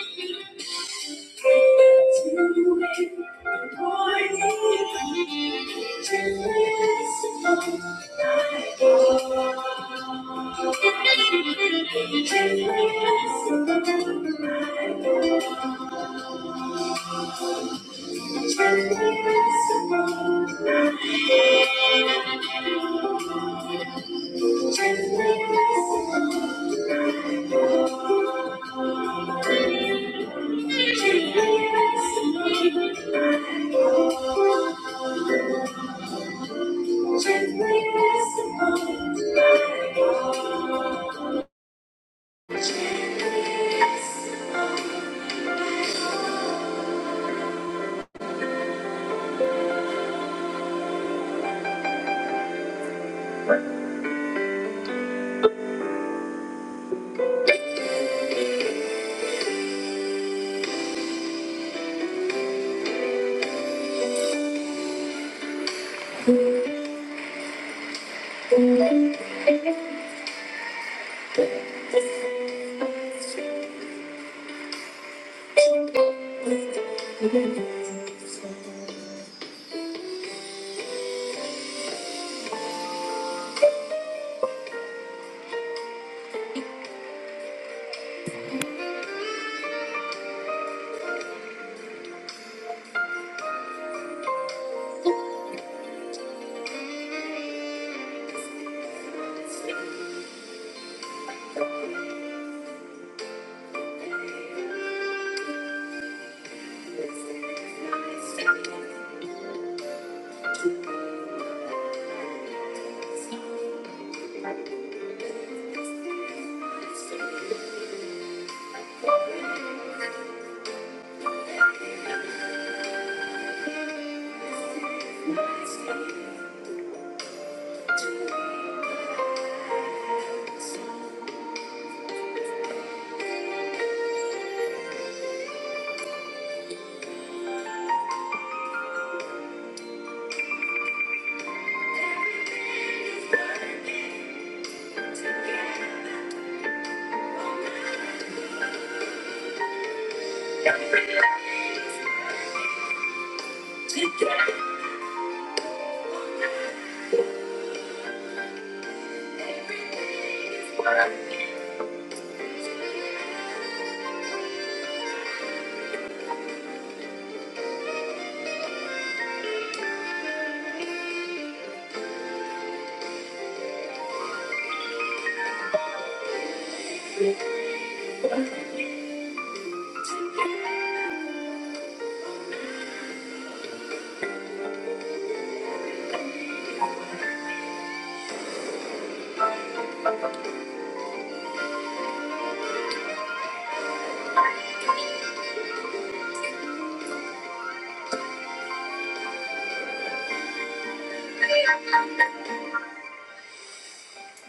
Thank you. Thank you. Thank you.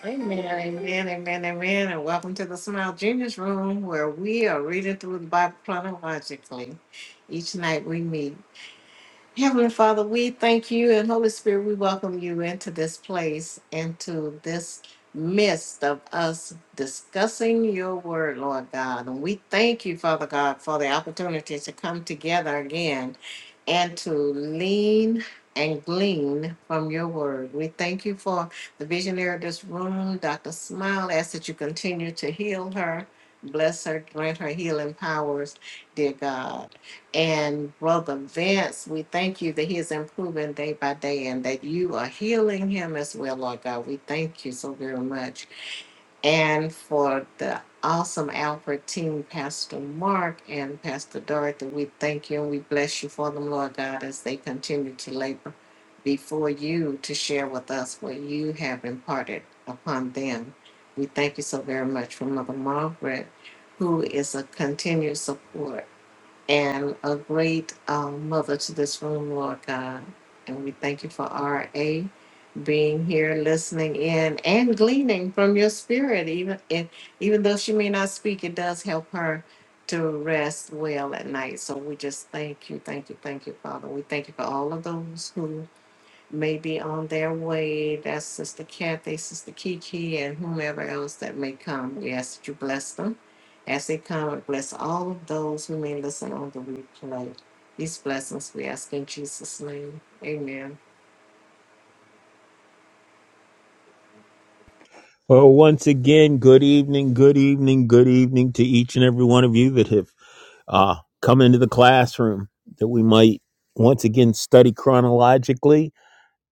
Amen, amen, amen, amen, and welcome to the Smile Genius Room where we are reading through the Bible chronologically. Each night we meet. Heavenly Father, we thank you and Holy Spirit, we welcome you into this place, into this midst of us discussing your word, Lord God. And we thank you, Father God, for the opportunity to come together again and to lean and glean from your word. We thank you for the visionary of this room, Dr. Smile. Ask that you continue to heal her, bless her, grant her healing powers, dear God. And Brother Vince, we thank you that he is improving day by day and that you are healing him as well, Lord God. We thank you so very much and for the awesome Alfred team, Pastor Mark and Pastor Dorothy. We thank you and we bless you for them, Lord God, as they continue to labor before you to share with us what you have imparted upon them. We thank you so very much for Mother Margaret, who is a continued support and a great um, mother to this room, Lord God. And we thank you for RA being here, listening in, and gleaning from your spirit. Even if, even though she may not speak, it does help her to rest well at night. So we just thank you, thank you, thank you, Father. We thank you for all of those who may be on their way. That's Sister Kathy, Sister Kiki, and whomever else that may come. We ask that you bless them as they come and bless all of those who may listen on the replay. These blessings we ask in Jesus' name. Amen. Well, once again, good evening, good evening, good evening to each and every one of you that have uh, come into the classroom that we might once again study chronologically.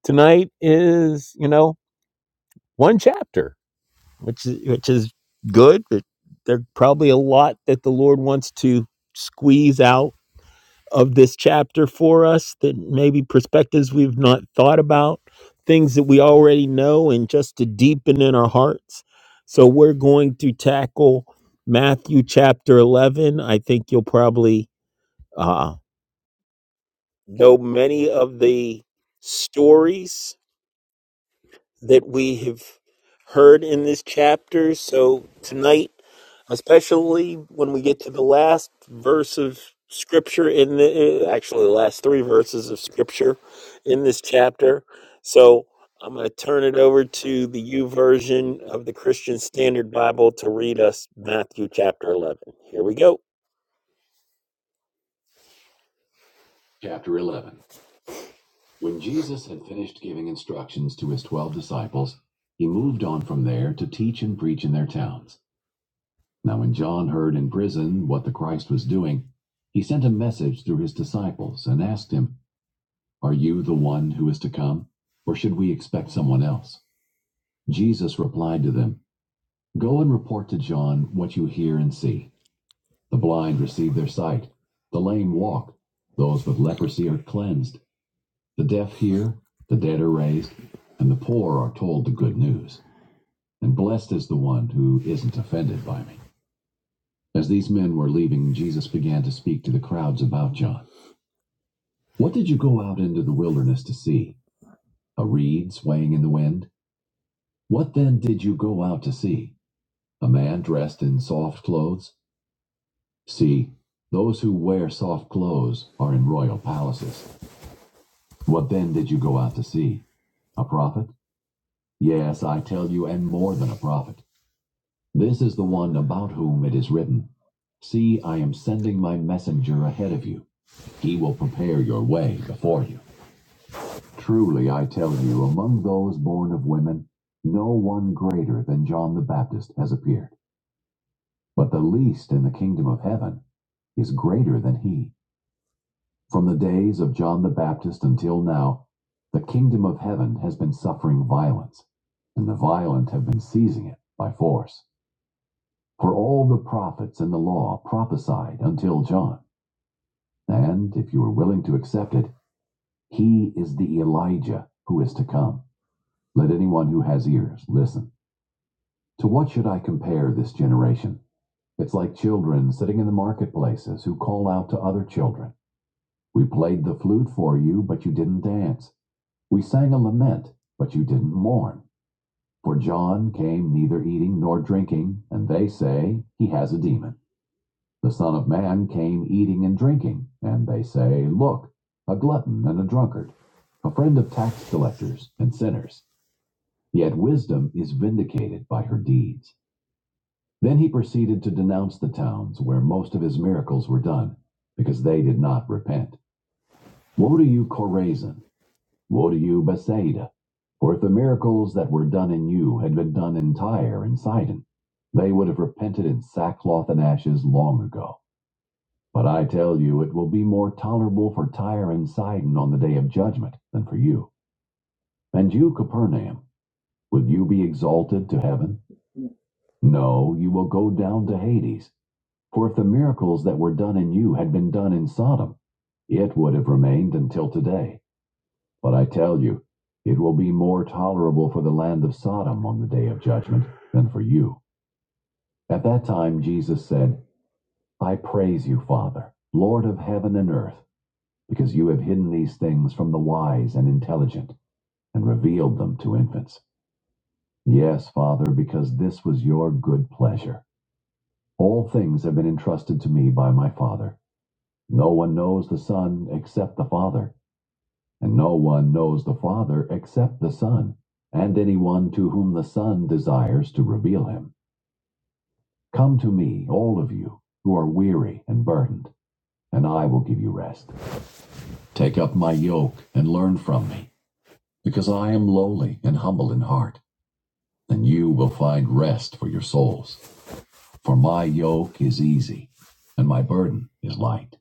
Tonight is, you know, one chapter, which is, which is good, but there's probably a lot that the Lord wants to squeeze out of this chapter for us that maybe perspectives we've not thought about, things that we already know, and just to deepen in our hearts. So we're going to tackle Matthew chapter 11. I think you'll probably uh, know many of the stories that we have heard in this chapter. So tonight, especially when we get to the last verse of scripture in the uh, actually the last three verses of scripture in this chapter. So I'm going to turn it over to the U version of the Christian Standard Bible to read us Matthew chapter 11. Here we go. Chapter 11. When Jesus had finished giving instructions to his 12 disciples, he moved on from there to teach and preach in their towns. Now, when John heard in prison what the Christ was doing, he sent a message through his disciples and asked him, Are you the one who is to come, or should we expect someone else? Jesus replied to them, Go and report to John what you hear and see. The blind receive their sight, the lame walk, those with leprosy are cleansed, the deaf hear, the dead are raised, and the poor are told the good news. And blessed is the one who isn't offended by me. As these men were leaving, Jesus began to speak to the crowds about John. What did you go out into the wilderness to see? A reed swaying in the wind? What then did you go out to see? A man dressed in soft clothes? See, those who wear soft clothes are in royal palaces. What then did you go out to see? A prophet? Yes, I tell you, and more than a prophet. This is the one about whom it is written. See, I am sending my messenger ahead of you. He will prepare your way before you. Truly I tell you, among those born of women, no one greater than John the Baptist has appeared. But the least in the kingdom of heaven is greater than he. From the days of John the Baptist until now, the kingdom of heaven has been suffering violence, and the violent have been seizing it by force. For all the prophets and the law prophesied until John, and if you are willing to accept it, he is the Elijah who is to come. Let anyone who has ears listen. To what should I compare this generation? It's like children sitting in the marketplaces who call out to other children. We played the flute for you, but you didn't dance. We sang a lament, but you didn't mourn. For John came neither eating nor drinking, and they say, He has a demon. The Son of Man came eating and drinking, and they say, Look, a glutton and a drunkard, a friend of tax collectors and sinners. Yet wisdom is vindicated by her deeds. Then he proceeded to denounce the towns where most of his miracles were done, because they did not repent. Woe to you, Chorazin! Woe to you, Bethsaida! For if the miracles that were done in you had been done in Tyre and Sidon, they would have repented in sackcloth and ashes long ago. But I tell you, it will be more tolerable for Tyre and Sidon on the day of judgment than for you. And you, Capernaum, will you be exalted to heaven? No, you will go down to Hades. For if the miracles that were done in you had been done in Sodom, it would have remained until today. But I tell you, it will be more tolerable for the land of Sodom on the day of judgment than for you. At that time, Jesus said, I praise you, Father, Lord of heaven and earth, because you have hidden these things from the wise and intelligent and revealed them to infants. Yes, Father, because this was your good pleasure. All things have been entrusted to me by my Father. No one knows the Son except the Father, and no one knows the Father except the Son, and anyone to whom the Son desires to reveal him. Come to me, all of you, who are weary and burdened, and I will give you rest. Take up my yoke and learn from me, because I am lowly and humble in heart, and you will find rest for your souls. For my yoke is easy, and my burden is light.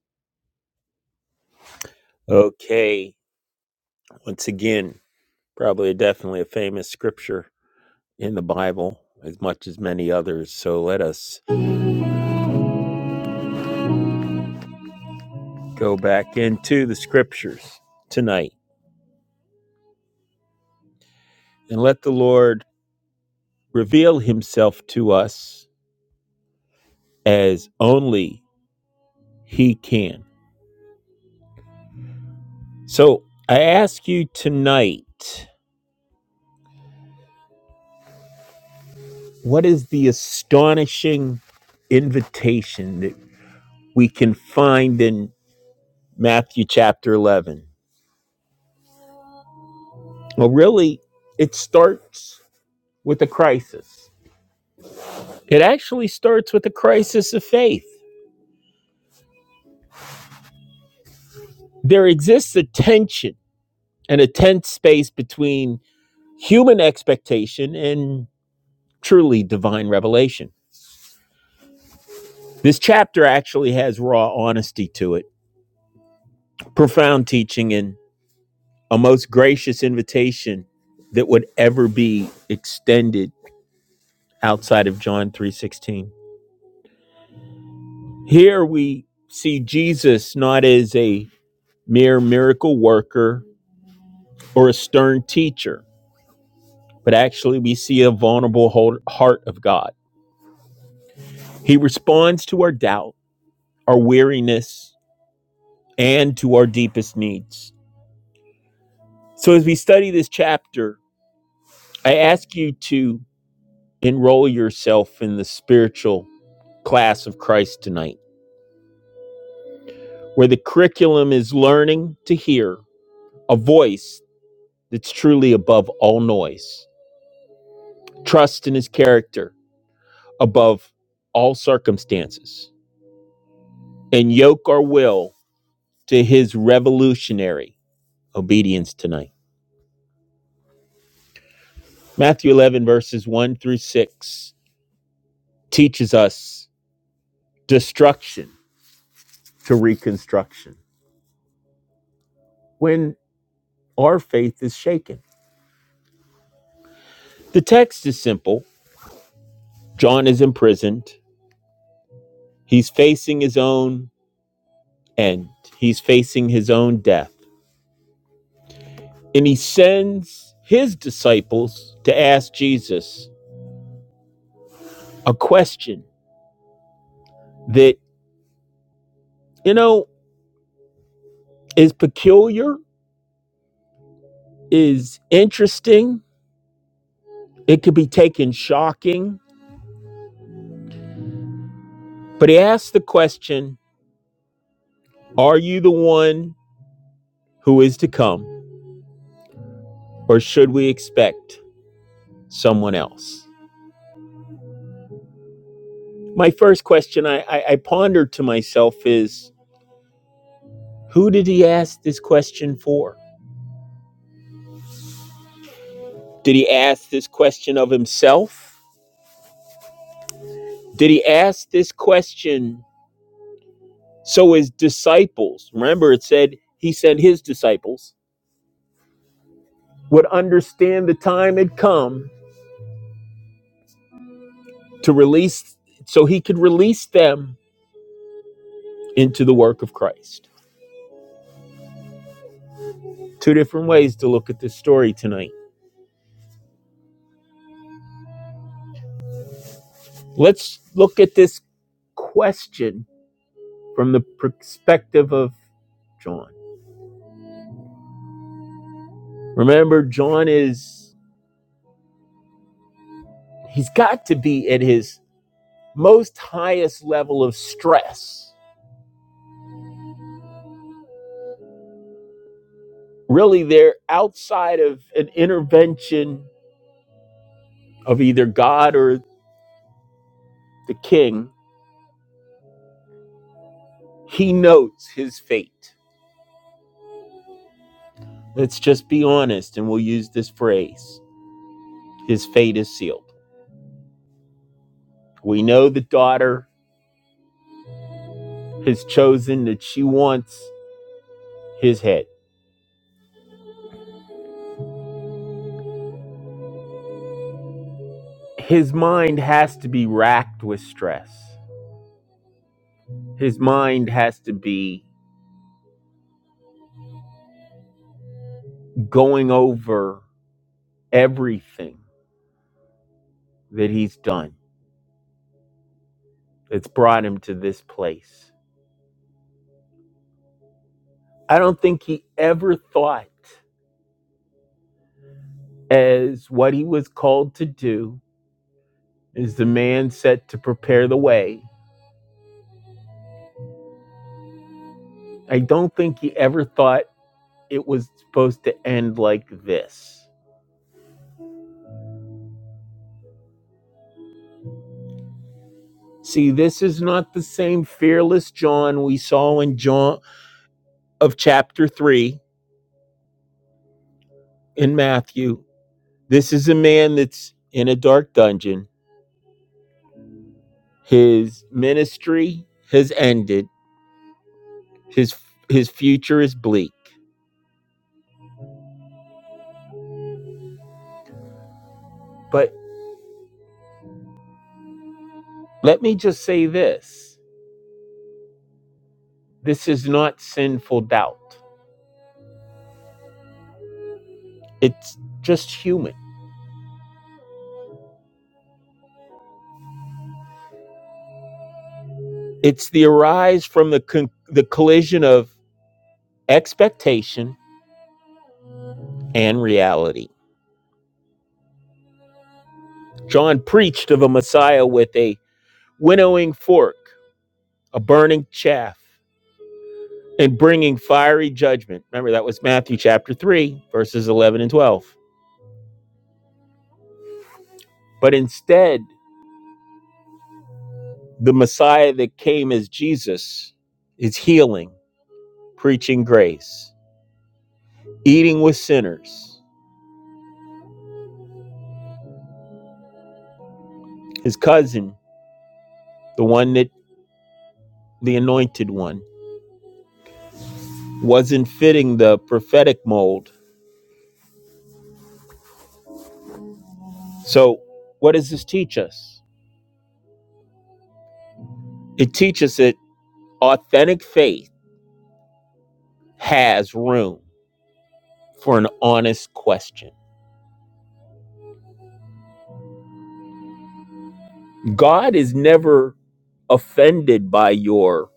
Okay, once again. Probably definitely a famous scripture in the Bible as much as many others. So let us go back into the scriptures tonight and let the Lord reveal himself to us as only he can. So I ask you tonight, what is the astonishing invitation that we can find in Matthew chapter 11? Well, really, it starts with a crisis. It actually starts with a crisis of faith. There exists a tension and a tense space between human expectation and truly divine revelation. This chapter actually has raw honesty to it, profound teaching, and a most gracious invitation that would ever be extended outside of John 3:16. Here we see Jesus not as a mere miracle worker or a stern teacher, but actually we see a vulnerable heart of God. He responds to our doubt, our weariness, and to our deepest needs. So as we study this chapter, I ask you to enroll yourself in the spiritual class of Christ tonight, where the curriculum is learning to hear a voice that's truly above all noise, trust in his character above all circumstances, and yoke our will to his revolutionary obedience tonight. Matthew 11, verses 1 through 6 teaches us destruction to reconstruction when our faith is shaken. The text is simple John is imprisoned, he's facing his own end, he's facing his own death. And he sends his disciples to ask Jesus a question that, you know, is peculiar, is interesting, it could be taken shocking But he asked the question Are you the one who is to come, or should we expect someone else? My first question I, I, I pondered to myself is Who did he ask this question for? Did he ask this question of himself? Did he ask this question so his disciples, remember it said he sent his disciples, would understand the time had come to release, so he could release them into the work of Christ? Two different ways to look at this story tonight. Let's look at this question from the perspective of John. Remember, John is, he's got to be at his most highest level of stress. Really, they're outside of an intervention of either God or the king. He knows his fate. Let's just be honest, and we'll use this phrase his fate is sealed. We know the daughter has chosen that she wants his head. His mind has to be racked with stress. His mind has to be going over everything that he's done that's brought him to this place. I don't think he ever thought as what he was called to do is the man set to prepare the way. I don't think he ever thought it was supposed to end like this. See, this is not the same fearless John we saw in John of chapter 3 in Matthew. This is a man that's in a dark dungeon. His ministry has ended. His his future is bleak. But let me just say this. This is not sinful doubt. It's just human. It's the arise from the con- the collision of expectation and reality. John preached of a Messiah with a winnowing fork, a burning chaff, and bringing fiery judgment. Remember, that was Matthew chapter 3, verses 11 and 12. But instead, the Messiah that came as Jesus is healing, preaching grace, eating with sinners. His cousin, the one that the anointed one, wasn't fitting the prophetic mold. So, what does this teach us? It teaches that authentic faith has room for an honest question. God is never offended by your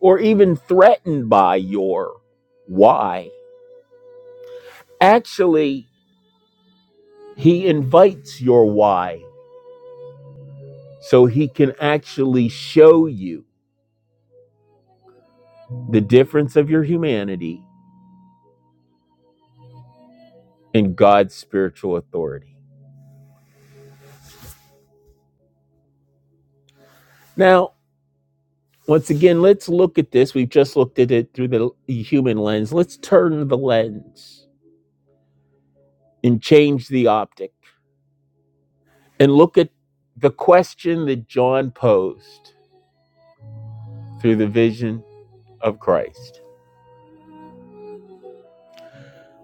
or even threatened by your why. Actually, he invites your why so he can actually show you the difference of your humanity and God's spiritual authority. Now, once again, let's look at this. We've just looked at it through the human lens. Let's turn the lens and change the optic and look at the question that John posed through the vision of Christ.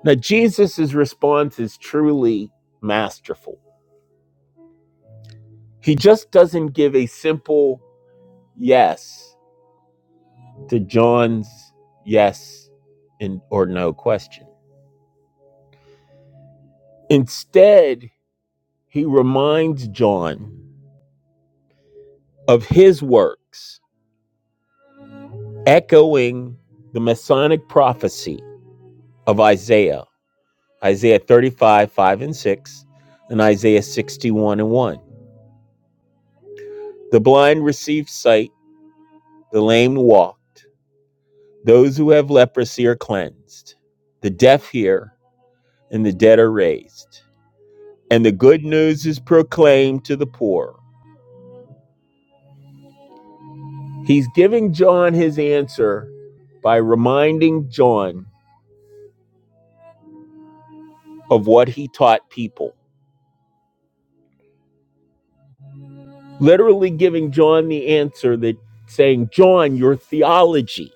Now, Jesus' response is truly masterful. He just doesn't give a simple yes to John's yes and or no question. Instead, he reminds John of his works, echoing the Masonic prophecy of Isaiah, Isaiah 35, 5 and 6, and Isaiah 61 and 1. The blind receive sight The lame walked. Those who have leprosy are cleansed. The deaf hear, and the dead are raised. And the good news is proclaimed to the poor. He's giving John his answer by reminding John of what he taught people. Literally giving John the answer that saying, John, your theology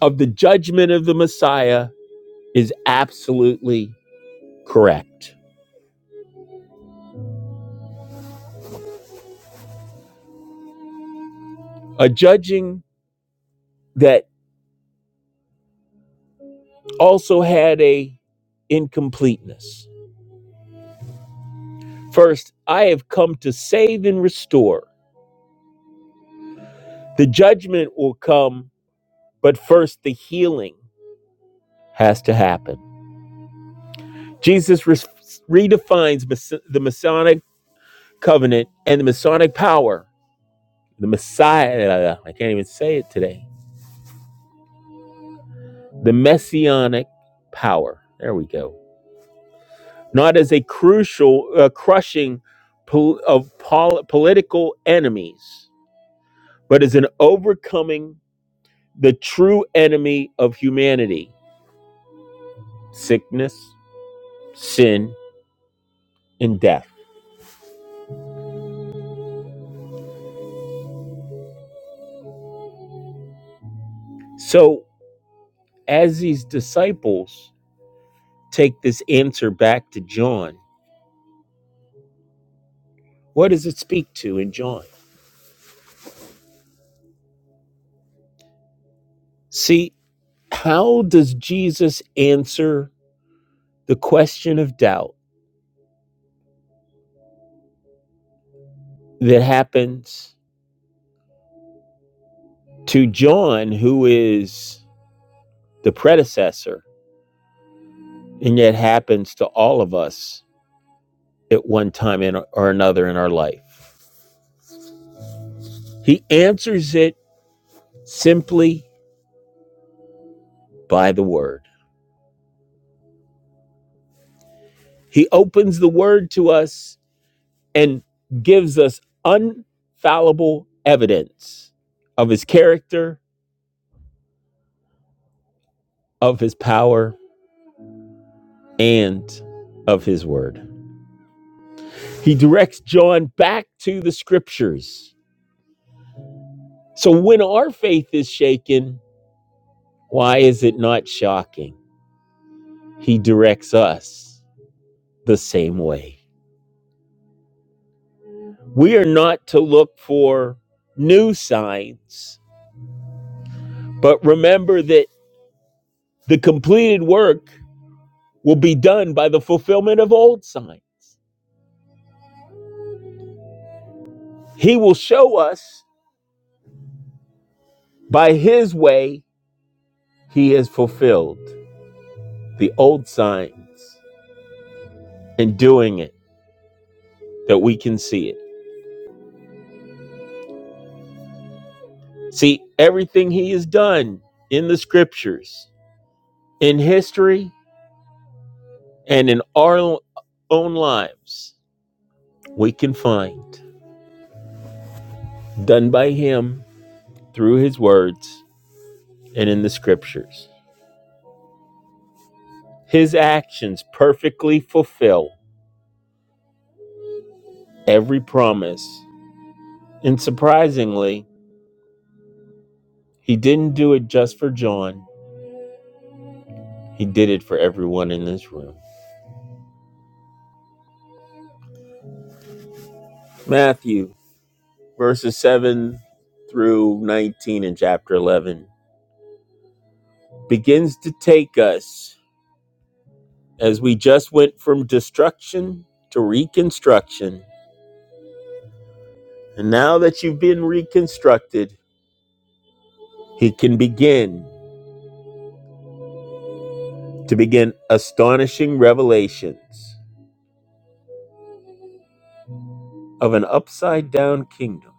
of the judgment of the Messiah is absolutely correct. A judging that also had a incompleteness. First, I have come to save and restore. The judgment will come, but first the healing has to happen. Jesus re- redefines Mas- the Masonic covenant and the Masonic power, the Messiah, I can't even say it today, the Messianic power. There we go. Not as a crucial, uh, crushing pol- of pol- political enemies, but as an overcoming the true enemy of humanity sickness, sin, and death. So, as these disciples take this answer back to John, what does it speak to in John? See, how does Jesus answer the question of doubt that happens to John, who is the predecessor, and yet happens to all of us at one time or another in our life? He answers it simply by the word. He opens the word to us and gives us unfallible evidence of his character, of his power, and of his word. He directs John back to the scriptures. So when our faith is shaken, why is it not shocking? He directs us the same way. We are not to look for new signs, but remember that the completed work will be done by the fulfillment of old signs. He will show us by his way he has fulfilled the old signs in doing it that we can see it. See, everything he has done in the scriptures, in history, and in our own lives, we can find done by him through his words and in the scriptures. His actions perfectly fulfill every promise And surprisingly, he didn't do it just for John, he did it for everyone in this room. Matthew, verses 7 through 19 in chapter 11, begins to take us as we just went from destruction to reconstruction. And now that you've been reconstructed, he can begin to begin astonishing revelations of an upside down kingdom.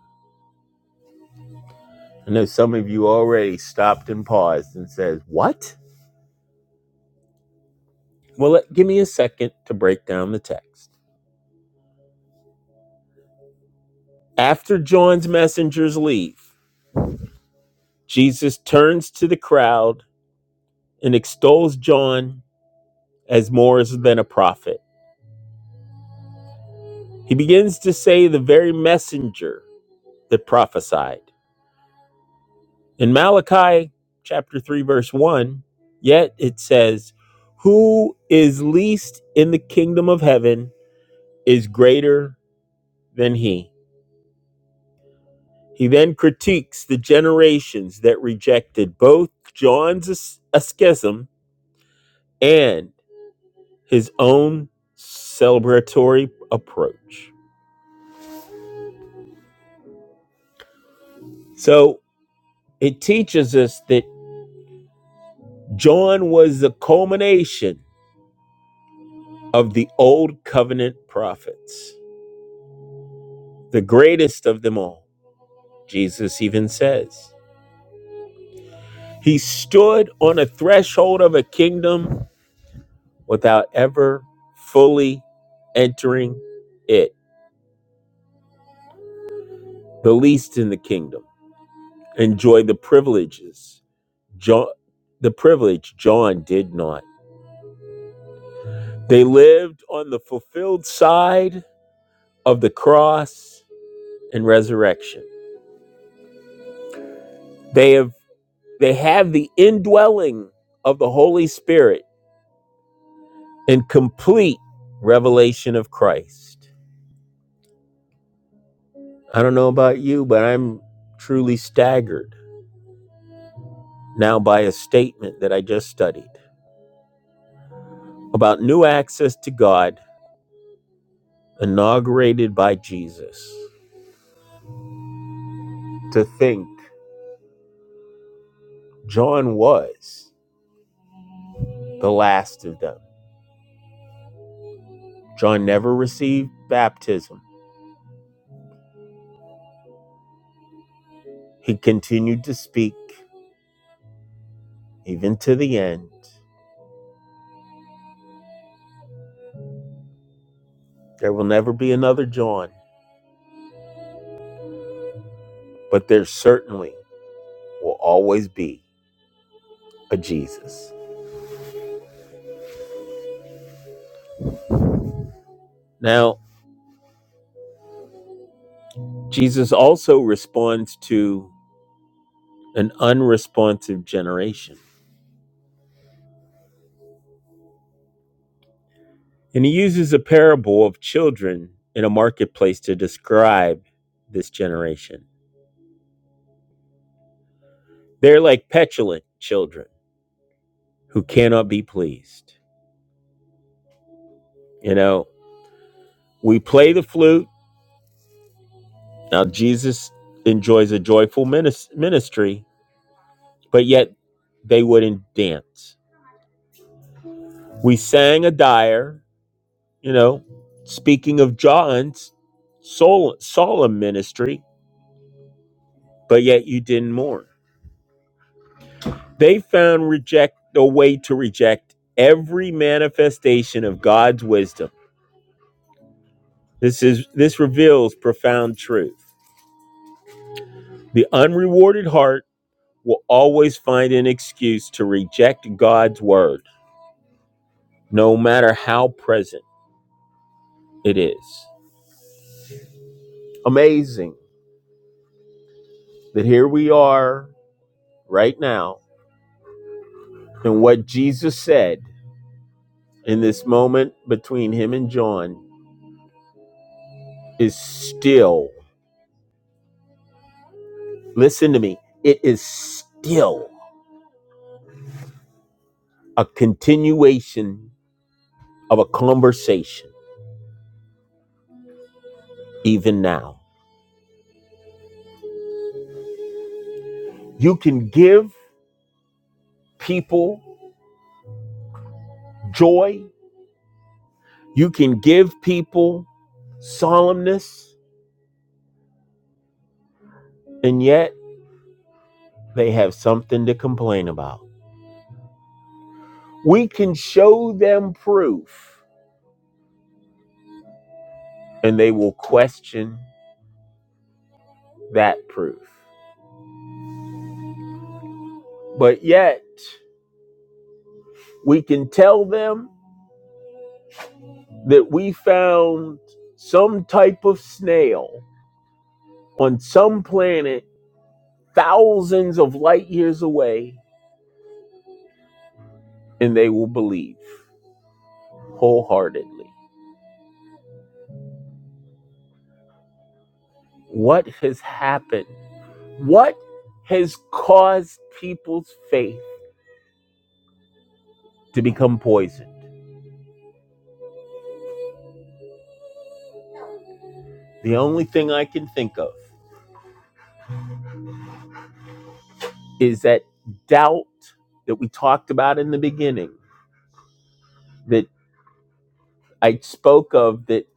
I know some of you already stopped and paused and says, "What?" Well, let, give me a second to break down the text. After John's messengers leave, Jesus turns to the crowd and extols John as more than a prophet. He begins to say the very messenger that prophesied. In Malachi chapter 3 verse 1, yet it says, "Who is least in the kingdom of heaven is greater than he." He then critiques the generations that rejected both John's as- schism and his own celebratory approach. So it teaches us that John was the culmination of the old covenant prophets, the greatest of them all. Jesus even says he stood on a threshold of a kingdom without ever fully entering it, the least in the kingdom enjoy the privileges. John, the privilege John did not. They lived on the fulfilled side of the cross and resurrection. They have they have the indwelling of the Holy Spirit and complete revelation of Christ. I don't know about you, but I'm truly staggered now by a statement that I just studied about new access to God inaugurated by Jesus. To think John was the last of them. John never received baptism. He continued to speak even to the end. There will never be another John, but there certainly will always be a Jesus. Now, Jesus also responds to an unresponsive generation, and he uses a parable of children in a marketplace to describe this generation. They're like petulant children who cannot be pleased. You know, we play the flute. Now, Jesus enjoys a joyful ministry, but yet they wouldn't dance. We sang a dire, you know, speaking of John's sol- solemn ministry, but yet you didn't mourn. They found reject a way to reject every manifestation of God's wisdom. This is this reveals profound truth. The unrewarded heart will always find an excuse to reject God's word, no matter how present it is. Amazing that here we are right now, and what Jesus said in this moment between him and John is still, listen to me, it is still a continuation of a conversation, even now. You can give people joy, you can give people solemnness, and yet they have something to complain about. We can show them proof and they will question that proof. But yet we can tell them that we found some type of snail on some planet thousands of light years away and they will believe wholeheartedly. What has happened? What has caused people's faith to become poisoned? The only thing I can think of is that doubt that we talked about in the beginning, that I spoke of, that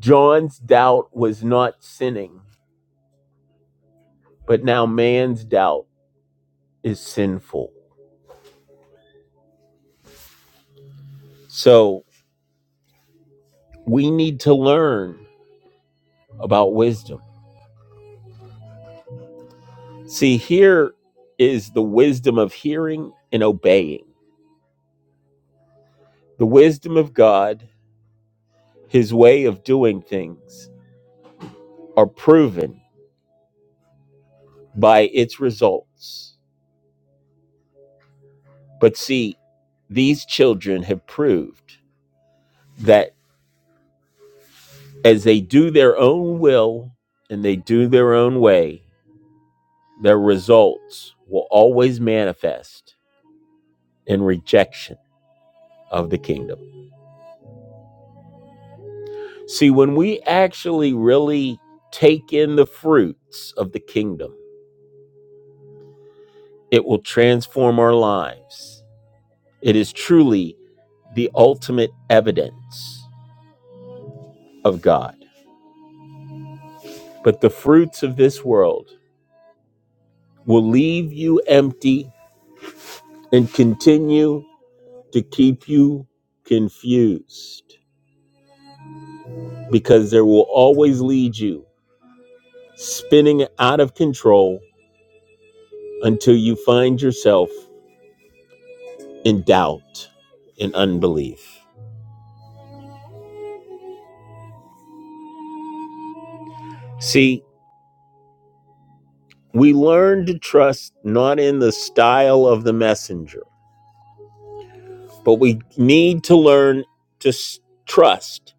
John's doubt was not sinning, but now man's doubt is sinful. So we need to learn about wisdom. See, here is the wisdom of hearing and obeying. The wisdom of God, his way of doing things, are proven by its results. But see, these children have proved that as they do their own will and they do their own way, their results will always manifest in rejection of the kingdom. See, when we actually really take in the fruits of the kingdom, it will transform our lives. It is truly the ultimate evidence of God. But the fruits of this world will leave you empty and continue to keep you confused because they will always lead you spinning out of control until you find yourself in doubt and unbelief. See, we learn to trust not in the style of the messenger, but we need to learn to trust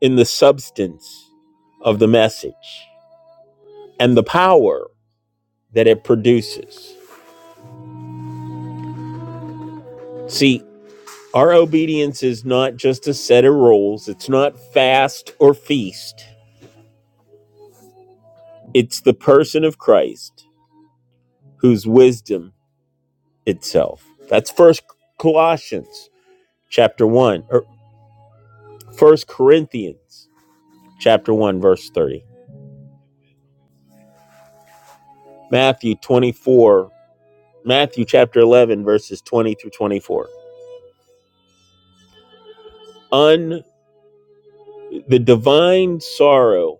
in the substance of the message and the power that it produces. See, Our obedience is not just a set of rules, it's not fast or feast. It's the person of Christ who's wisdom itself. That's first Colossians chapter 1 or first Corinthians chapter 1 verse 30. Matthew 24 Matthew chapter 11 verses 20 through 24. Un the divine sorrow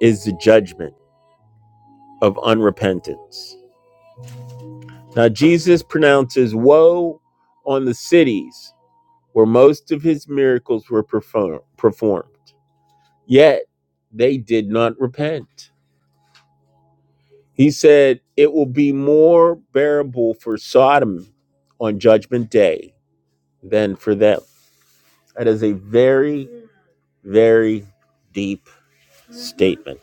is the judgment of unrepentance. Now, Jesus pronounces woe on the cities where most of his miracles were perform- performed. Yet, they did not repent. He said, It will be more bearable for Sodom on judgment day than for them. That is a very, very deep statement.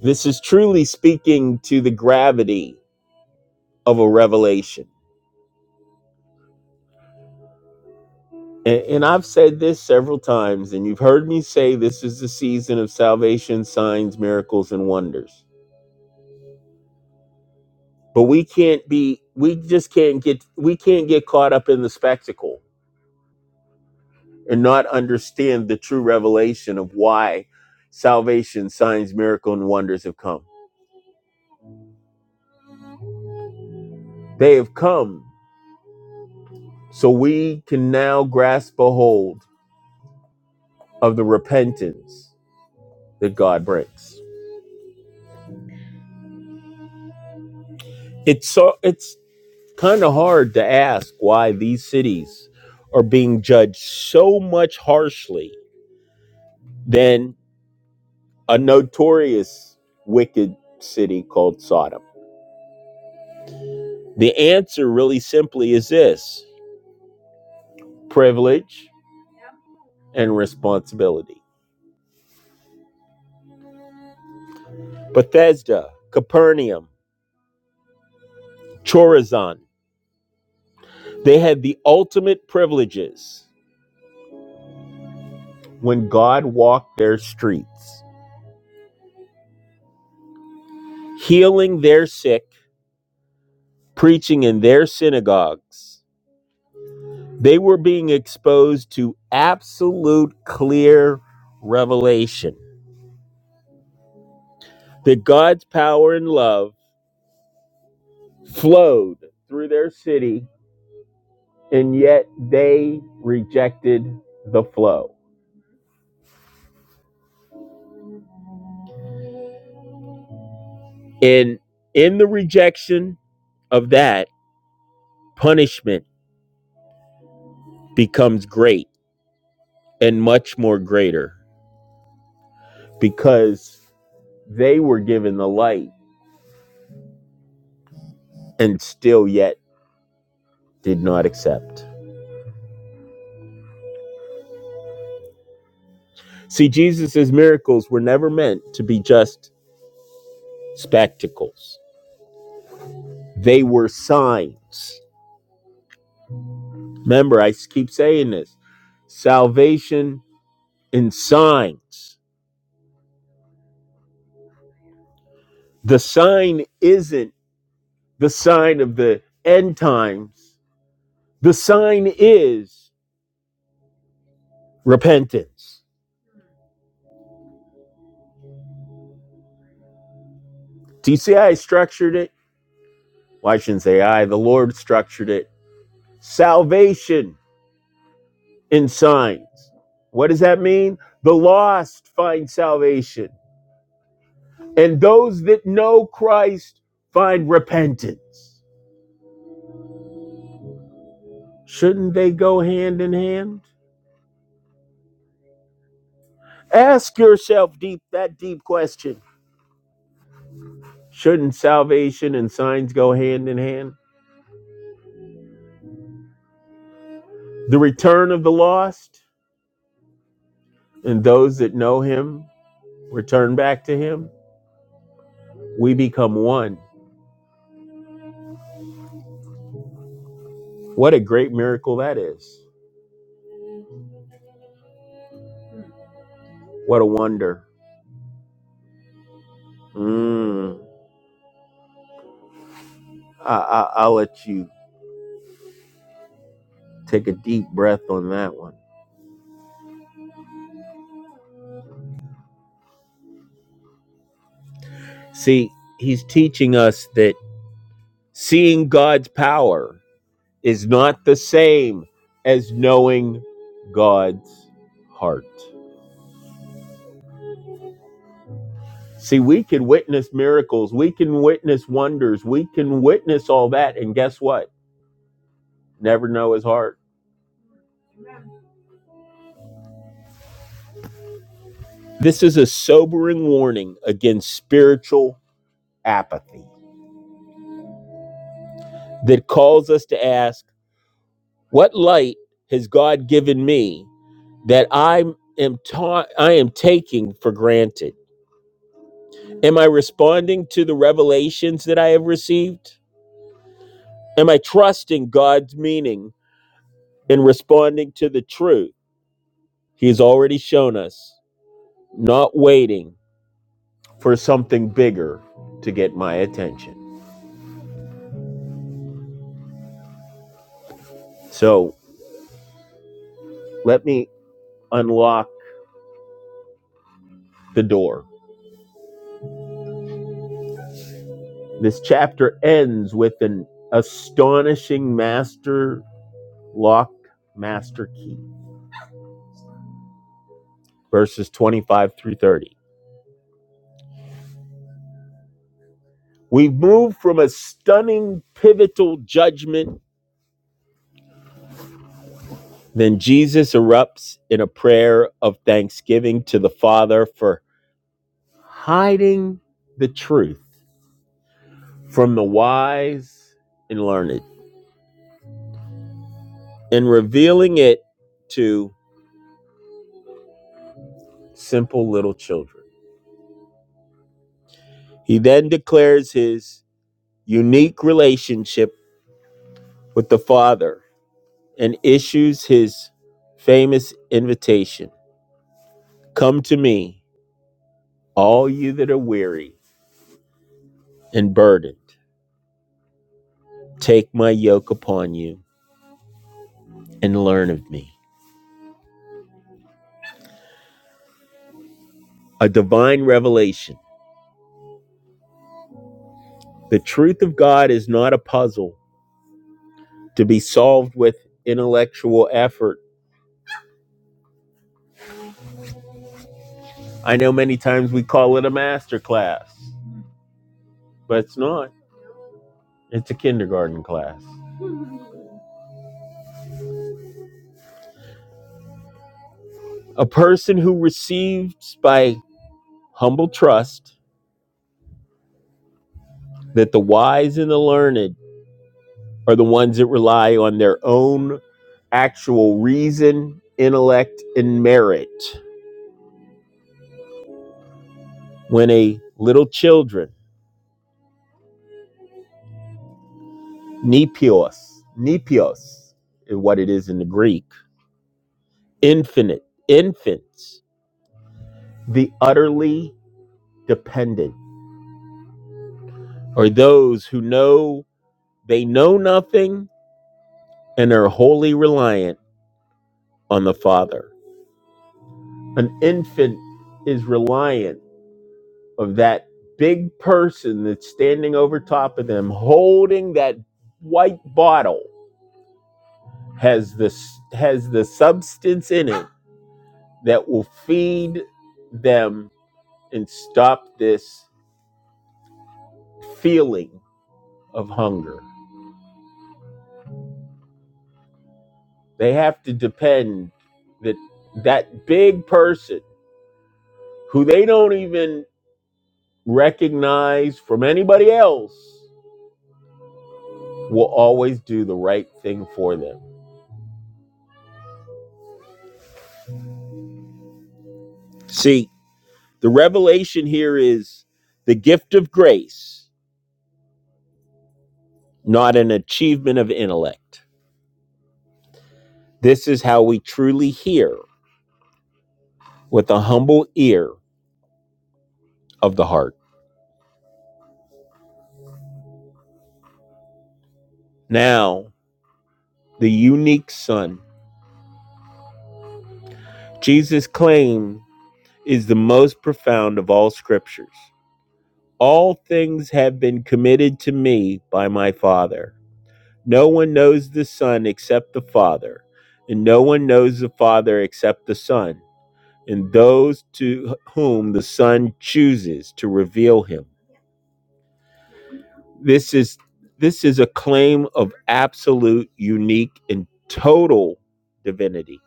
This is truly speaking to the gravity of a revelation. And, and I've said this several times, and you've heard me say this is the season of salvation, signs, miracles, and wonders. But we can't be, we just can't get, we can't get caught up in the spectacle and not understand the true revelation of why salvation, signs, miracle, and wonders have come. They have come so we can now grasp a hold of the repentance that God brings. It's so it's Kind of hard to ask why these cities are being judged so much harshly than a notorious wicked city called Sodom. The answer really simply is this privilege and responsibility. Bethesda, Capernaum, Chorazan, they had the ultimate privileges when God walked their streets, healing their sick, preaching in their synagogues, They were being exposed to absolute clear revelation that God's power and love flowed through their city, and yet they rejected the flow. And in the rejection of that, punishment becomes great and much more greater because they were given the light and still yet did not accept. See, Jesus' miracles were never meant to be just spectacles. They were signs. Remember, I keep saying this salvation in signs. The sign isn't the sign of the end times, the sign is repentance. Do you see how I structured it? Well, I shouldn't say I, the Lord structured it. Salvation in signs. What does that mean? The lost find salvation. And those that know Christ find repentance. Shouldn't they go hand in hand? Ask yourself deep that deep question. Shouldn't salvation and signs go hand in hand? The return of the lost and those that know him return back to him. We become one. What a great miracle that is. What a wonder. Mm. I, I, I'll let you take a deep breath on that one. See, he's teaching us that. Seeing God's power is not the same as knowing God's heart. See, we can witness miracles, we can witness wonders, we can witness all that, and guess what? Never know his heart. This is a sobering warning against spiritual apathy that calls us to ask, what light has God given me that I am ta- I am taking for granted? Am I responding to the revelations that I have received? Am I trusting God's meaning and responding to the truth He's already shown us, not waiting for something bigger to get my attention? So let me unlock the door. This chapter ends with an astonishing master lock, master key, verses 25 through 30. We've moved from a stunning pivotal judgment Then Jesus erupts in a prayer of thanksgiving to the Father for hiding the truth from the wise and learned and revealing it to simple little children. He then declares his unique relationship with the Father and issues his famous invitation Come to me, all you that are weary and burdened, take my yoke upon you and learn of me a divine revelation. The truth of God is not a puzzle to be solved with intellectual effort. I know many times we call it a master class, but it's not. It's a kindergarten class. A person who receives by humble trust that the wise and the learned are the ones that rely on their own actual reason, intellect, and merit. When a little children Nepios. Nepios is what it is in the Greek. Infinite. Infants. The utterly dependent. Or those who know they know nothing and are wholly reliant on the Father. An infant is reliant of that big person that's standing over top of them holding that white bottle has the has the substance in it that will feed them and stop this feeling of hunger. They have to depend that that big person who they don't even recognize from anybody else will always do the right thing for them. See, the revelation here is the gift of grace, not an achievement of intellect. This is how we truly hear with the humble ear of the heart. Now, the unique son. Jesus' claim is the most profound of all scriptures. All things have been committed to me by my Father. No one knows the Son except the Father, and no one knows the Father except the Son, and those to whom the Son chooses to reveal him. This is this is a claim of absolute, unique, and total divinity.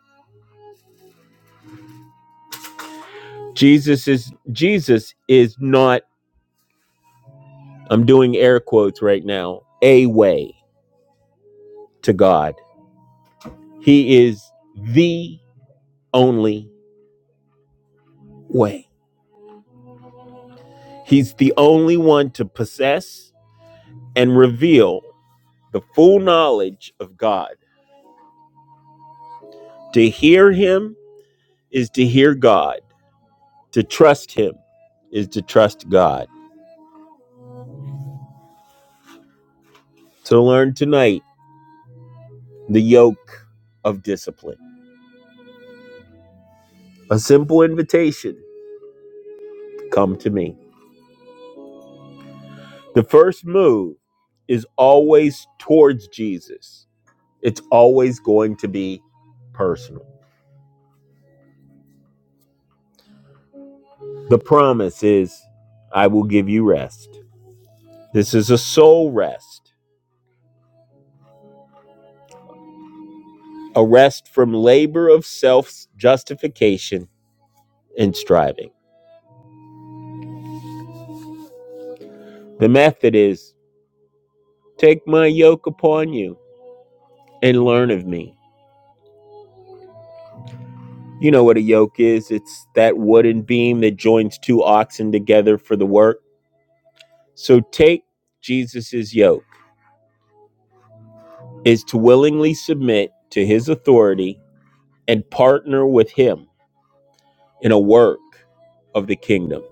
Jesus is Jesus is not I'm doing air quotes right now, a way to God. He is the only way. He's the only one to possess and reveal the full knowledge of God. To hear Him is to hear God. To trust Him is to trust God. To learn tonight the yoke of discipline. A simple invitation come to me. The first move is always towards Jesus It's always going to be personal. The promise is, I will give you rest. This is a soul rest, a rest from labor of self justification and striving. The method is, take my yoke upon you and learn of me. You know what a yoke is it's that wooden beam that joins two oxen together for the work. So take Jesus's yoke, is to willingly submit to his authority and partner with him in a work of the kingdom.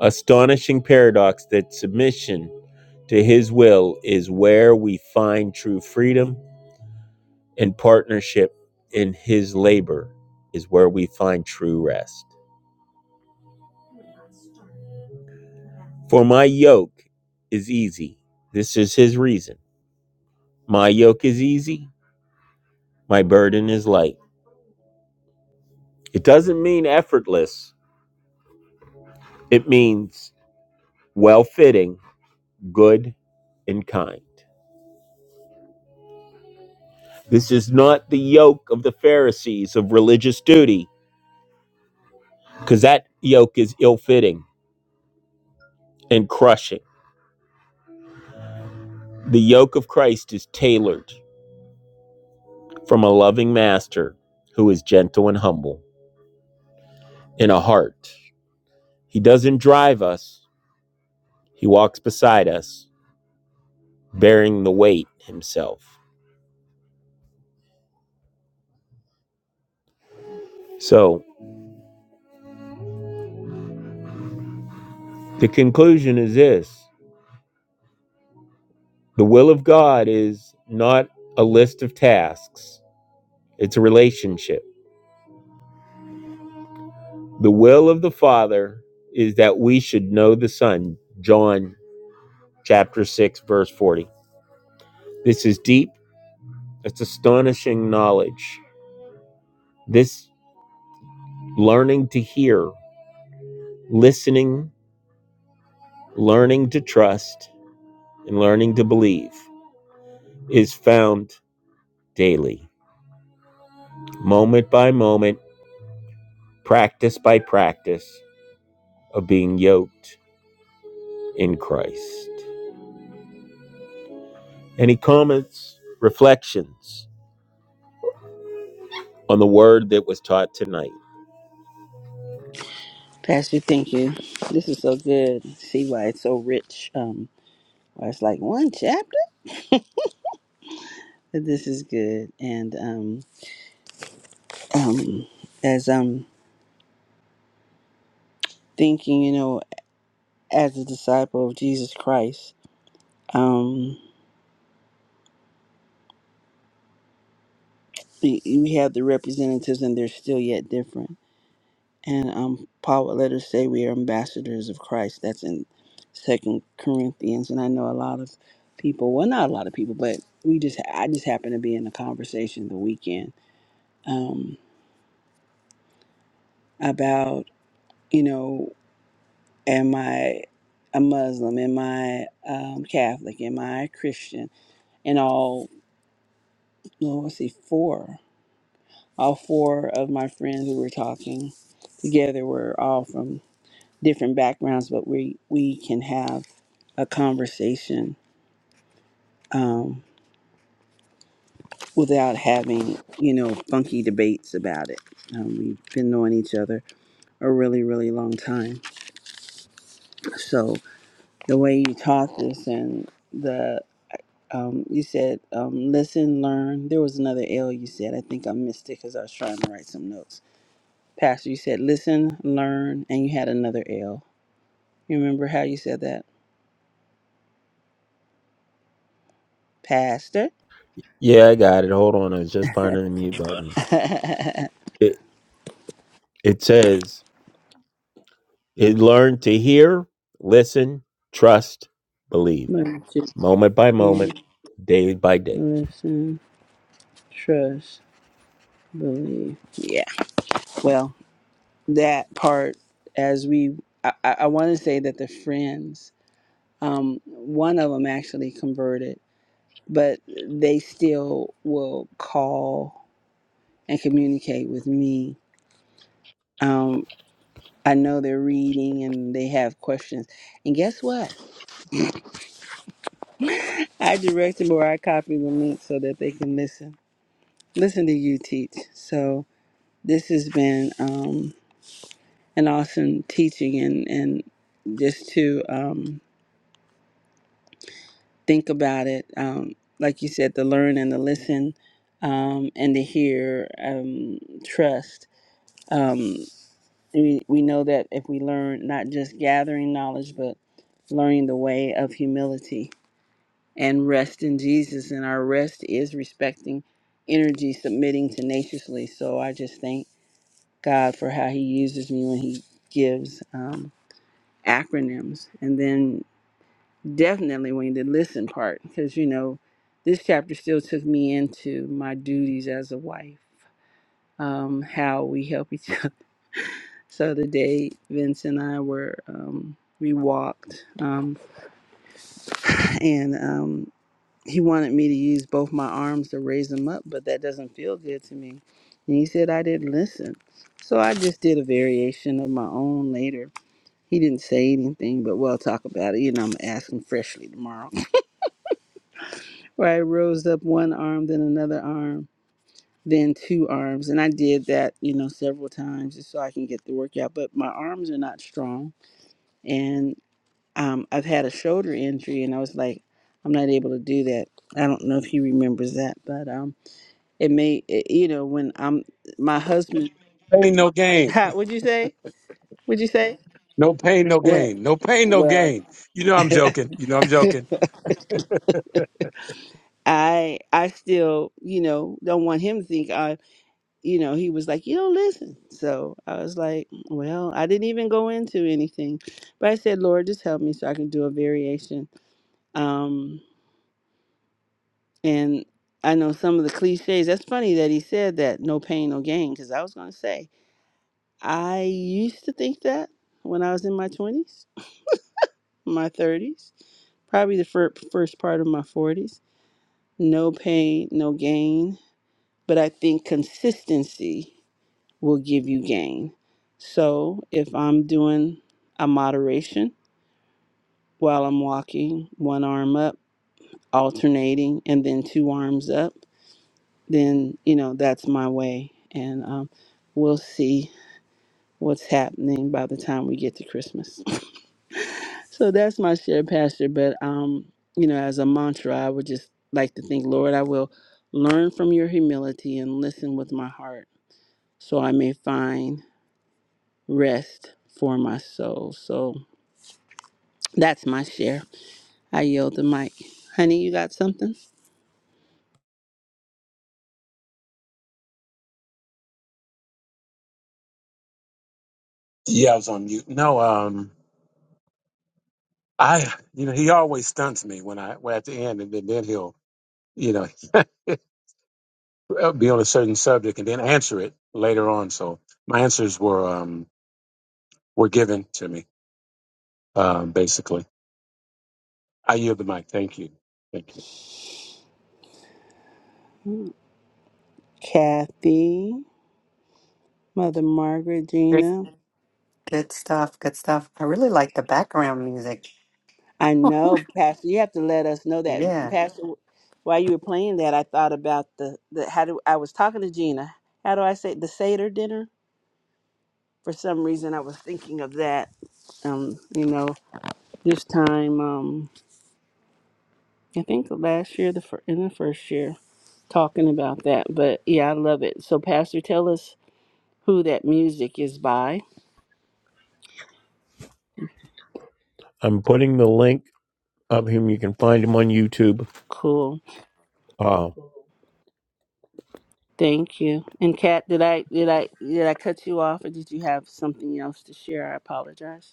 Astonishing paradox that submission to his will is where we find true freedom and partnership in his labor is where we find true rest. For my yoke is easy. This is his reason. My yoke is easy, my burden is light. It doesn't mean effortless, it means well fitting, good, and kind. This is not the yoke of the Pharisees of religious duty, because that yoke is ill fitting and crushing. The yoke of Christ is tailored from a loving master who is gentle and humble in a heart. He doesn't drive us, he walks beside us, bearing the weight himself. So the conclusion is this the will of God is not a list of tasks, it's a relationship. The will of the Father is that we should know the Son. John chapter 6, verse 40. This is deep, it's astonishing knowledge. This learning to hear, listening, learning to trust, and learning to believe is found daily, moment by moment, practice by practice of being yoked in Christ. Any comments, reflections on the word that was taught tonight? Pastor, thank you. This is so good. See why it's so rich. Um, why it's like one chapter. This is good. And um, um, as I'm thinking, you know, as a disciple of Jesus Christ, um, we, we have the representatives, and they're still yet different. And um, Paul would let us say we are ambassadors of Christ. That's in Second Corinthians. And I know a lot of people. Well, not a lot of people, but we just I just happened to be in a conversation the weekend. Um, about, you know, am I a Muslim? Am I um, Catholic? Am I a Christian? And all, no, let's see, four, all four of my friends who were talking together were all from different backgrounds, but we, we can have a conversation um, without having, you know, funky debates about it. Um, we've been knowing each other a really, really long time. So the way you taught this and Um, you said um, listen, learn. There was another L you said. I think I missed it because I was trying to write some notes. Pastor, you said listen, learn, and you had another L. You remember how you said that, Pastor? Yeah, I got it. Hold on, I was just finding the mute button. It it says it learned to hear, listen, trust, believe, Learn to moment by hear, moment, day by day. listen, trust, believe. Yeah. Well, that part, as we, I, I, I want to say that the friends, um, one of them actually converted, but they still will call and communicate with me. Um, I know they're reading and they have questions. And guess what? I direct them or I copy the link so that they can listen. Listen to you teach. So this has been um, an awesome teaching and, and just to um, think about it. Um, like you said, to learn and to listen um, and to hear, um, trust. um, we, we know that if we learn not just gathering knowledge, but learning the way of humility and rest in Jesus, and our rest is respecting energy, submitting tenaciously. So I just thank God for how He uses me when He gives um, acronyms. And then definitely when the listen part, because you know, this chapter still took me into my duties as a wife. Um, how we help each So today, Vince and I were um, we walked, um, and um, he wanted me to use both my arms to raise him up, but that doesn't feel good to me. And he said I didn't listen, so I just did a variation of my own later. He didn't say anything, but we'll talk about it. You know, I'm gonna ask him freshly tomorrow. Where I rose up one arm, then another arm, then two arms, and I did that, you know, several times just so I can get the workout. But my arms are not strong, and um, I've had a shoulder injury, and I was like, I'm not able to do that. I don't know if he remembers that, but um, it may, it, you know, when I'm my husband. pain, no gain. Ha, would you say? Would you say? No pain, no Well, gain. No pain, no well, gain. You know I'm joking. You know I'm joking. I I still, you know, don't want him to think I, you know, he was like, you don't listen. So I was like, well, I didn't even go into anything, but I said, Lord, just help me so I can do a variation. Um, And I know some of the cliches. That's funny that he said that no pain, no gain, because I was going to say, I used to think that when I was in my 20s, my 30s, probably the fir- first part of my 40s. No pain, no gain. But I think consistency will give you gain. So if I'm doing a moderation while I'm walking, one arm up, alternating, and then two arms up then you know that's my way and um, we'll see what's happening by the time we get to christmas so that's my share pastor but um you know as a mantra i would just like to think lord i will learn from your humility and listen with my heart so i may find rest for my soul so that's my share i yield the mic honey you got something Yeah, I was on mute. No, um, I, you know, he always stunts me when I, well, at the end, and then, then he'll, you know, be on a certain subject and then answer it later on. So my answers were, um, were given to me, um, basically. I yield the mic. Thank you. Thank you. kathy mother margaret Great. gina Good stuff. Good stuff. I really like the background music. I know, Pastor. You have to let us know that, Yeah. Pastor. While you were playing that, I thought about the the how do I was talking to Gina. How do I say the Seder dinner? For some reason, I was thinking of that. Um, you know, this time, um, I think last year, the fir- in the first year, talking about that. But yeah, I love it. So, Pastor, tell us who that music is by. I'm putting the link of him. You can find him on YouTube. Cool. Uh, Thank you. And Kat, did I did I did I cut you off, or did you have something else to share? I apologize.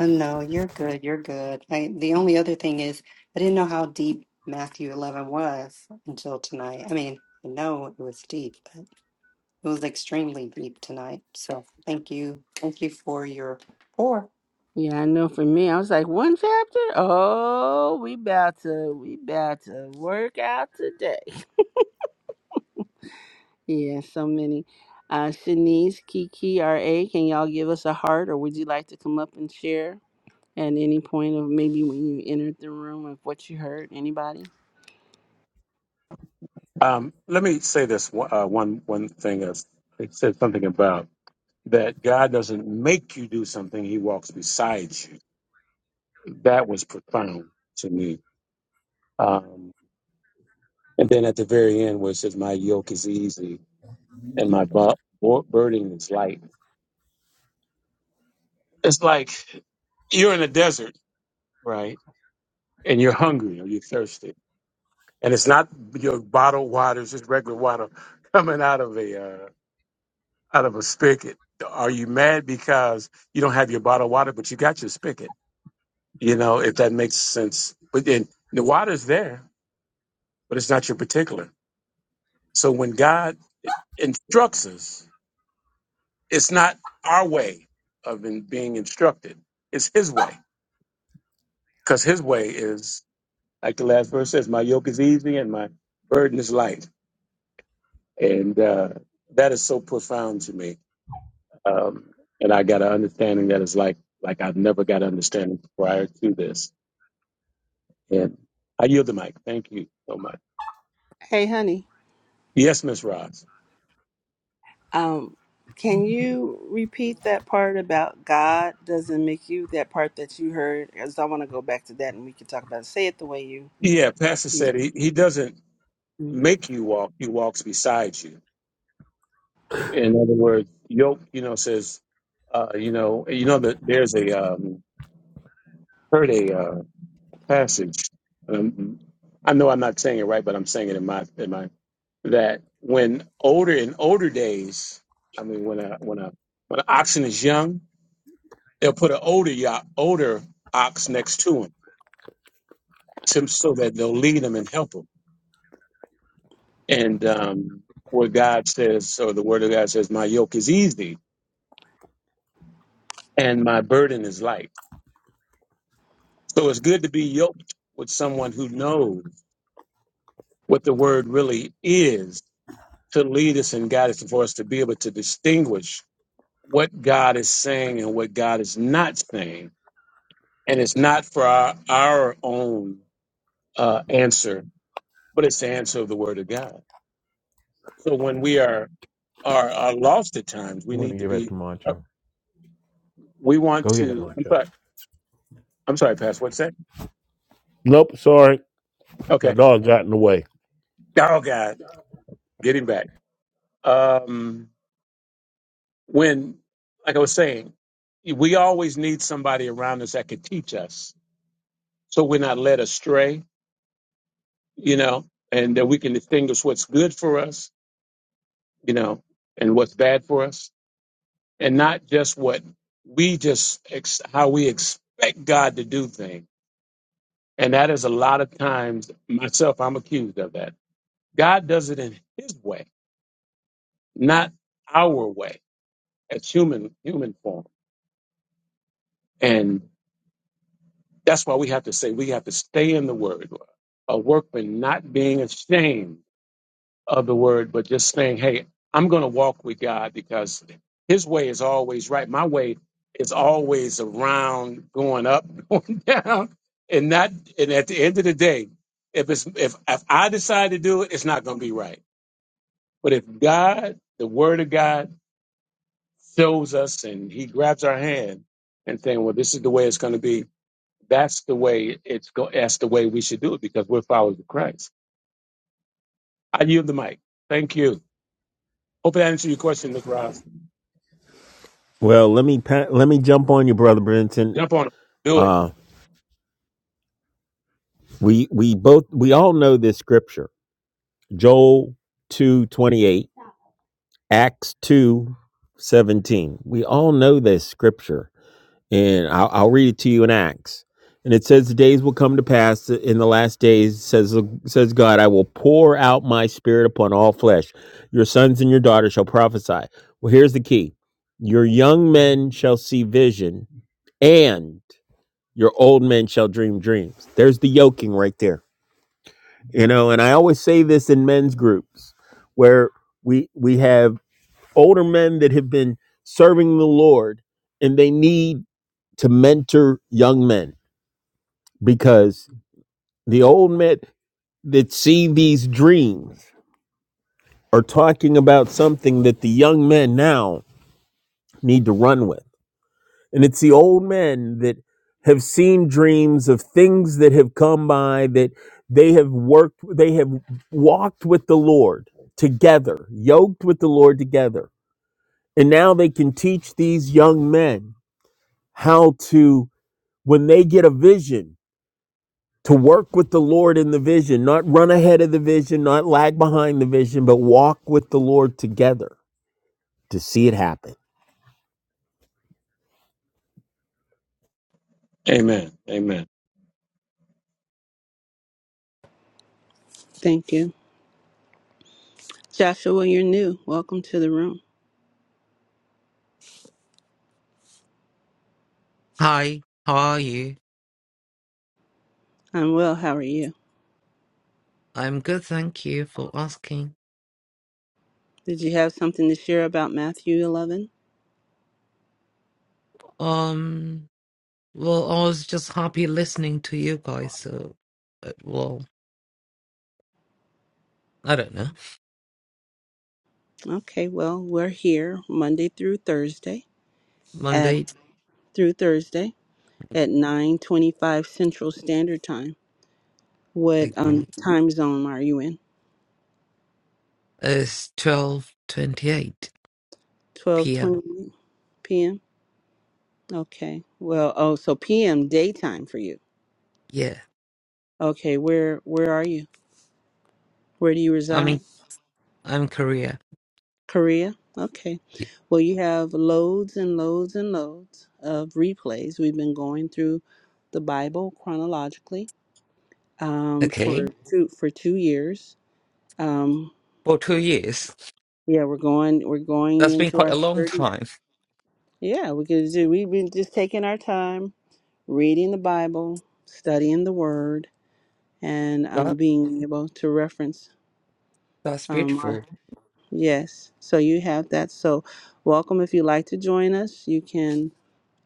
Uh, no, you're good. You're good. I, the only other thing is, I didn't know how deep Matthew 11 was until tonight. I mean, I know it was deep, but it was extremely deep tonight. So thank you. Thank you for your pour. Yeah, I know for me, I was like, one chapter? Oh, we about to we about to work out today. Yeah, so many. Uh Shanice, Kiki, RA, can y'all give us a heart or would you like to come up and share at any point of maybe when you entered the room of what you heard? Anybody? Um, let me say this one- uh, one, one thing. is, it said something about that God doesn't make you do something; He walks beside you that was profound to me. Um, and then at the very end, where it says, "My yoke is easy and my bu- bu- burden is light," it's like you're in a desert, right? And you're hungry or you're thirsty, and it's not your bottled water; it's just regular water coming out of a uh, out of a spigot. Are you mad because you don't have your bottled water, but you got your spigot? You know, if that makes sense. But then the water's there, but it's not your particular. So when God instructs us It's not our way of in, being instructed. It's his way. Because his way is, like the last verse says, my yoke is easy and my burden is light. And uh, that is so profound to me. Um, and I got an understanding that is like, like I've never got understanding prior to this. And I yield the mic. Thank you so much. Hey honey. Yes, Miss Ross. Um can you repeat that part about God doesn't make you that part that you heard? Because I want to go back to that and we can talk about it. Say it the way you. Yeah, Pastor you. said he, he doesn't make you walk, he walks beside you. In other words, yoke, you know, says, uh, you know, you know that there's a um, heard a uh, passage. Um, I know I'm not saying it right, but I'm saying it in my in my that when older in older days, I mean, when a when a when an oxen is young, they'll put an older yo- older ox next to him, to, so that they'll lead him and help him. And um, what God says, or the Word of God says, my yoke is easy and my burden is light So it's good to be yoked with someone who knows what the word really is to lead us and guide us and for us to be able to distinguish what God is saying and what God is not saying. And it's not for our, our own uh, answer, but it's the answer of the word of God. So when we are, are are lost at times, we need to be uh, we want to I'm sorry, I'm sorry, Pastor, what's that? Nope, sorry. My Okay. dog got in the way. Oh God, getting back. Um when, like I was saying, we always need somebody around us that could teach us so we're not led astray, you know, and that we can distinguish what's good for us, you know, and what's bad for us, and not just what we just, ex- how we expect God to do things. And that is a lot of times, myself, I'm accused of that. God does it in his way, not our way as human, human form. and. That's why we have to say we have to stay in the word. A workman not being ashamed of the word, but just saying, hey, I'm going to walk with God because his way is always right. My way is always around going up, going down, and not and at the end of the day, if it's if, if I decide to do it, it's not going to be right. But if God, the word of God shows us and he grabs our hand and saying, well, this is the way it's going to be that's the way it's go. That's the way we should do it because we're followers of Christ. I yield the mic. Thank you. Hope I answered your question, Ms. Ross. well, let me pa- let me jump on you, brother Brinson. Jump on it. Do it. Uh, we we both we all know this scripture, Joel two twenty eight. Acts two seventeen. We all know this scripture, and I'll, I'll read it to you in Acts. And it says, The days will come to pass in the last days, says, says God, I will pour out my spirit upon all flesh. Your sons and your daughters shall prophesy. Well, here's the key your young men shall see vision, and your old men shall dream dreams. There's the yoking right there. You know, and I always say this in men's groups where we we have older men that have been serving the Lord and they need to mentor young men because the old men that see these dreams are talking about something that the young men now need to run with. And it's the old men that have seen dreams of things that have come by that they have worked, they have walked with the Lord together, yoked with the Lord together. And now they can teach these young men how to when they get a vision to work with the Lord in the vision, not run ahead of the vision, not lag behind the vision, but walk with the Lord together to see it happen. Amen. Amen. Thank you. Joshua, you're new. Welcome to the room. Hi, how are you? I'm well. How are you? I'm good, thank you for asking. Did you have something to share about Matthew 11? Um, well, I was just happy listening to you guys. So, uh, well, I don't know. Okay, well, we're here Monday through Thursday at Monday through Thursday at 9:25 Central Standard Time. What again um time zone are you in? is twelve twenty-eight p.m. 12:20 p.m. Okay. Well, oh, so p.m. daytime for you. Yeah, Okay, where where are you? Where do you I reside? mean, I'm Korea. Korea? Okay. Y- Well, you have loads and loads and loads of replays. We've been going through the Bible chronologically um, for Okay, two for two years. Um, for two years. yeah, we're going we're going That's been into quite a our long third year. time. Yeah, we could do, we've been just taking our time reading the Bible, studying the Word, and um, That being able to reference that's um, beautiful. our yes. So you have that. So welcome if you'd like to join us. You can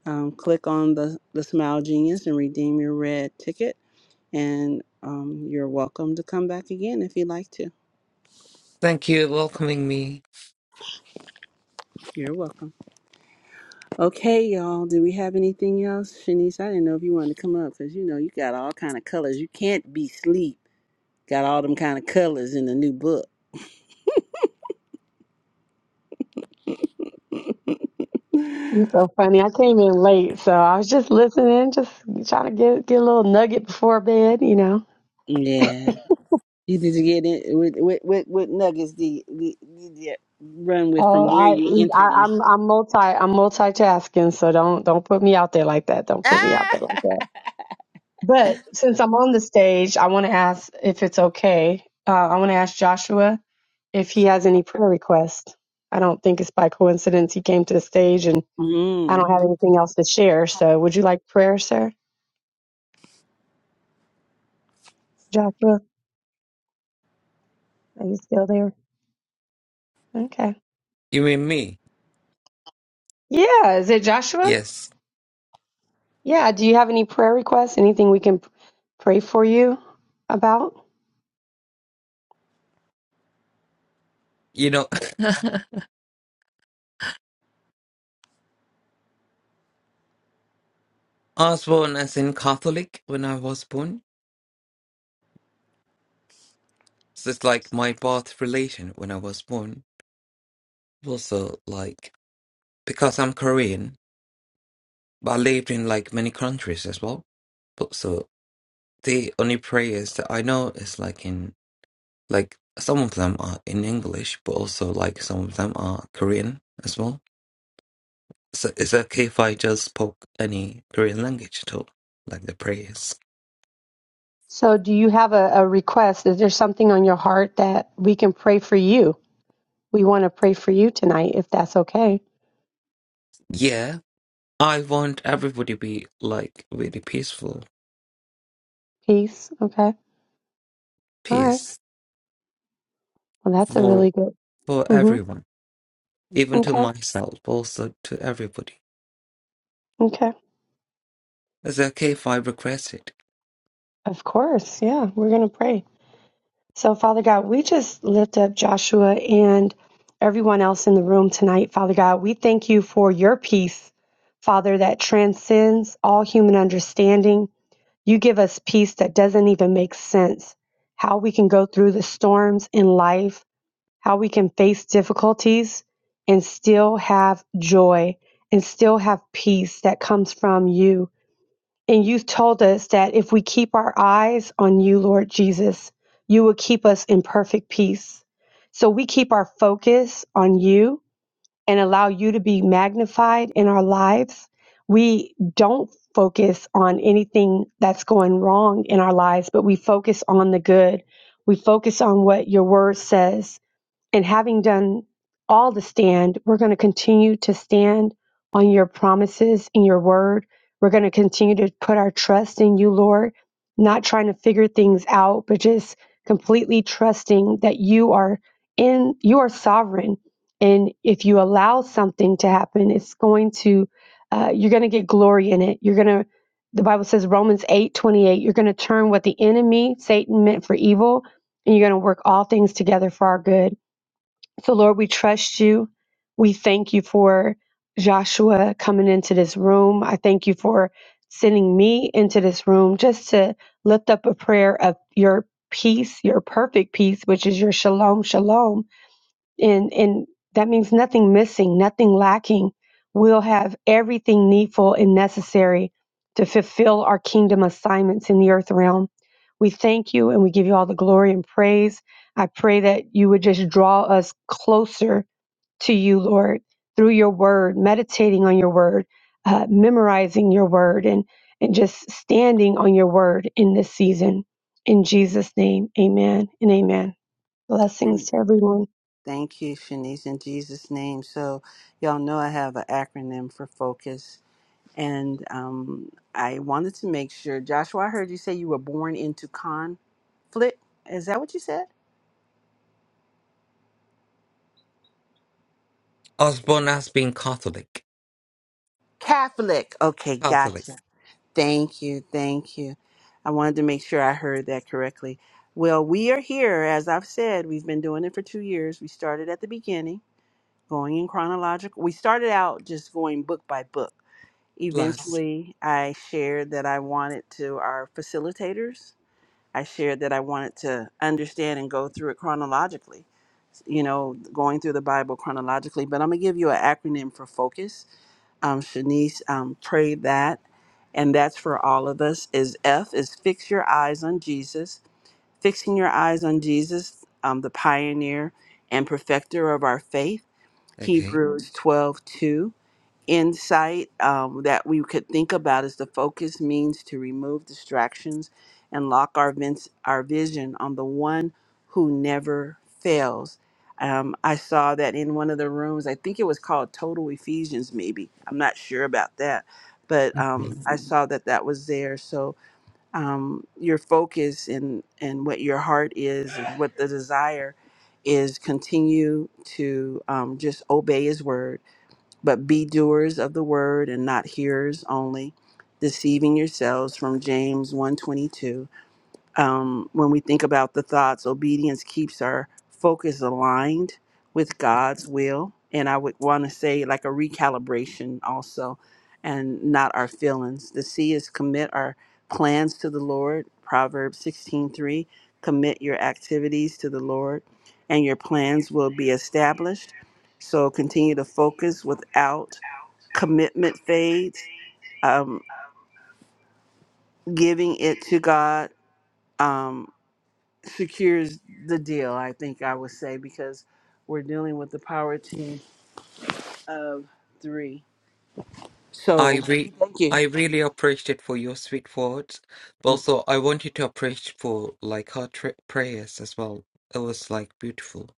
um, click on the, the Smile Genius and redeem your red ticket. And um, you're welcome to come back again if you'd like to. Thank you welcoming me. You're welcome. Okay, y'all. Do we have anything else, Shanice? I didn't know if you wanted to come up because you know you got all kind of colors. You can't be sleep. Got all them kind of colors in the new book. You're so funny. I came in late, so I was just listening, just trying to get get a little nugget before bed, you know. Yeah. You need to get in with with with, with nuggets. The you did you run with from Oh, where I, you entered I in. I'm I'm multi I'm multitasking, so don't don't put me out there like that. Don't put me out Ah. there like that. But since I'm on the stage, I want to ask if it's okay. Uh, I want to ask Joshua if he has any prayer requests. I don't think it's by coincidence he came to the stage, and I don't have anything else to share. So, would you like prayer, sir? Joshua, are you still there? Okay. You mean me? Yeah, is it Joshua? Yes. Yeah, do you have any prayer requests? Anything we can p- pray for you about? You know, I was born as in Catholic when I was born. So it's like my birth relation when I was born. Also, like, because I'm Korean, but I lived in like many countries as well. But so the only prayers that I know is like in, like, some of them are in English, but also like some of them are Korean as well. So it's okay if I just spoke any Korean language at all, like the prayers. So, do you have a, a request? Is there something on your heart that we can pray for you? We want to pray for you tonight, if that's okay. Yeah, I want everybody to be like really peaceful, Peace. Okay. All right. peace Well, that's a for really good. for Mm-hmm. everyone. even to Okay. myself, also to everybody. Okay. Is it okay if I request it? Of course. Yeah, we're going to pray. So, Father God, we just lift up Joshua and everyone else in the room tonight, Father God. We thank you for your peace, Father, that transcends all human understanding. You give us peace that doesn't even make sense. How we can go through the storms in life, how we can face difficulties and still have joy and still have peace that comes from you. And you've told us that if we keep our eyes on you, Lord Jesus, you will keep us in perfect peace. So we keep our focus on you and allow you to be magnified in our lives. We don't focus on anything that's going wrong in our lives, but we focus on the good. We focus on what your word says and having done all to stand, we're going to continue to stand on your promises and your word. We're going to continue to put our trust in you, Lord, not trying to figure things out, but just completely trusting that you are in, you are sovereign. And if you allow something to happen, it's going to, uh, you're going to get glory in it. You're going to, the Bible says, Romans eight twenty-eight, you're going to turn what the enemy, Satan, meant for evil, and you're going to work all things together for our good so, Lord, we trust you. We thank you for Joshua coming into this room. I thank you for sending me into this room just to lift up a prayer of your peace, your perfect peace, which is your shalom, shalom and and that means nothing missing nothing lacking we'll have everything needful and necessary to fulfill our kingdom assignments in the earth realm we thank you and we give you all the glory and praise i pray that you would just draw us closer to you lord through your word meditating on your word uh, memorizing your word and and just standing on your word in this season in jesus name amen and amen blessings Mm. to everyone Thank you, Shanice, in Jesus' name. So, y'all know I have an acronym for focus, and um, I wanted to make sure, Joshua, I heard you say you were born into conflict. Is that what you said? I was born as being Catholic. Catholic. Okay, Catholic. gotcha. Thank you, thank you. I wanted to make sure I heard that correctly. Well, we are here, as I've said, we've been doing it for two years. We started at the beginning, going in chronological. We started out just going book by book Plus. Eventually, I shared that I wanted to our facilitators. I shared that I wanted to understand and go through it chronologically, you know, going through the Bible chronologically. But I'm going to give you an acronym for focus. Um, Shanice um, prayed that, and that's for all of us. Is F is fix your eyes on Jesus, fixing your eyes on Jesus, um, the pioneer and perfecter of our faith. Okay. Hebrews 12:2 insight um, that we could think about is the focus means to remove distractions and lock our, vince, our vision on the one who never fails. Um, I saw that in one of the rooms. I think it was called Total Ephesians, maybe. I'm not sure about that, but Okay. um, I Mhm. saw that that was there. So um, your focus and and what your heart is and what the desire is continue to um, just obey His word but be doers of the word and not hearers only, deceiving yourselves from James 1:22 um, when we think about the thoughts, obedience keeps our focus aligned with God's will. And I would want to say, like a recalibration also, and not our feelings. The C is commit our plans to the Lord. Proverbs 16 3. commit your activities to the Lord, and your plans will be established. So continue to focus without commitment fades, um, giving it to God. Um, secures the deal, I think I would say, because we're dealing with the power team of three. I So we re- thank I you. really appreciate for your sweet words, but also I wanted to appreciate for like her tri- prayers as well. It was like beautiful.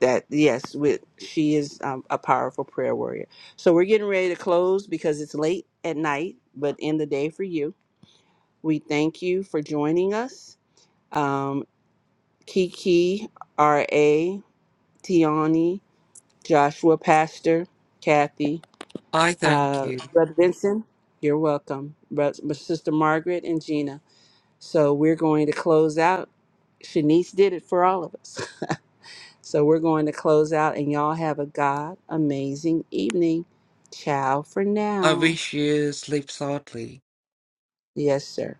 That yes, with she is um, a powerful prayer warrior. So we're getting ready to close because it's late at night, but in the day for you. We thank you for joining us. Um, Kiki, R.A., Tiani, Joshua, Pastor, Kathy, I thank Uh, you. Brother Vincent, you're welcome. Brother, sister Margaret and Gina. So we're going to close out. Shanice did it for all of us. So we're going to close out, and y'all have a God amazing evening. Ciao for I now. wish you sleep soundly. Yes, sir.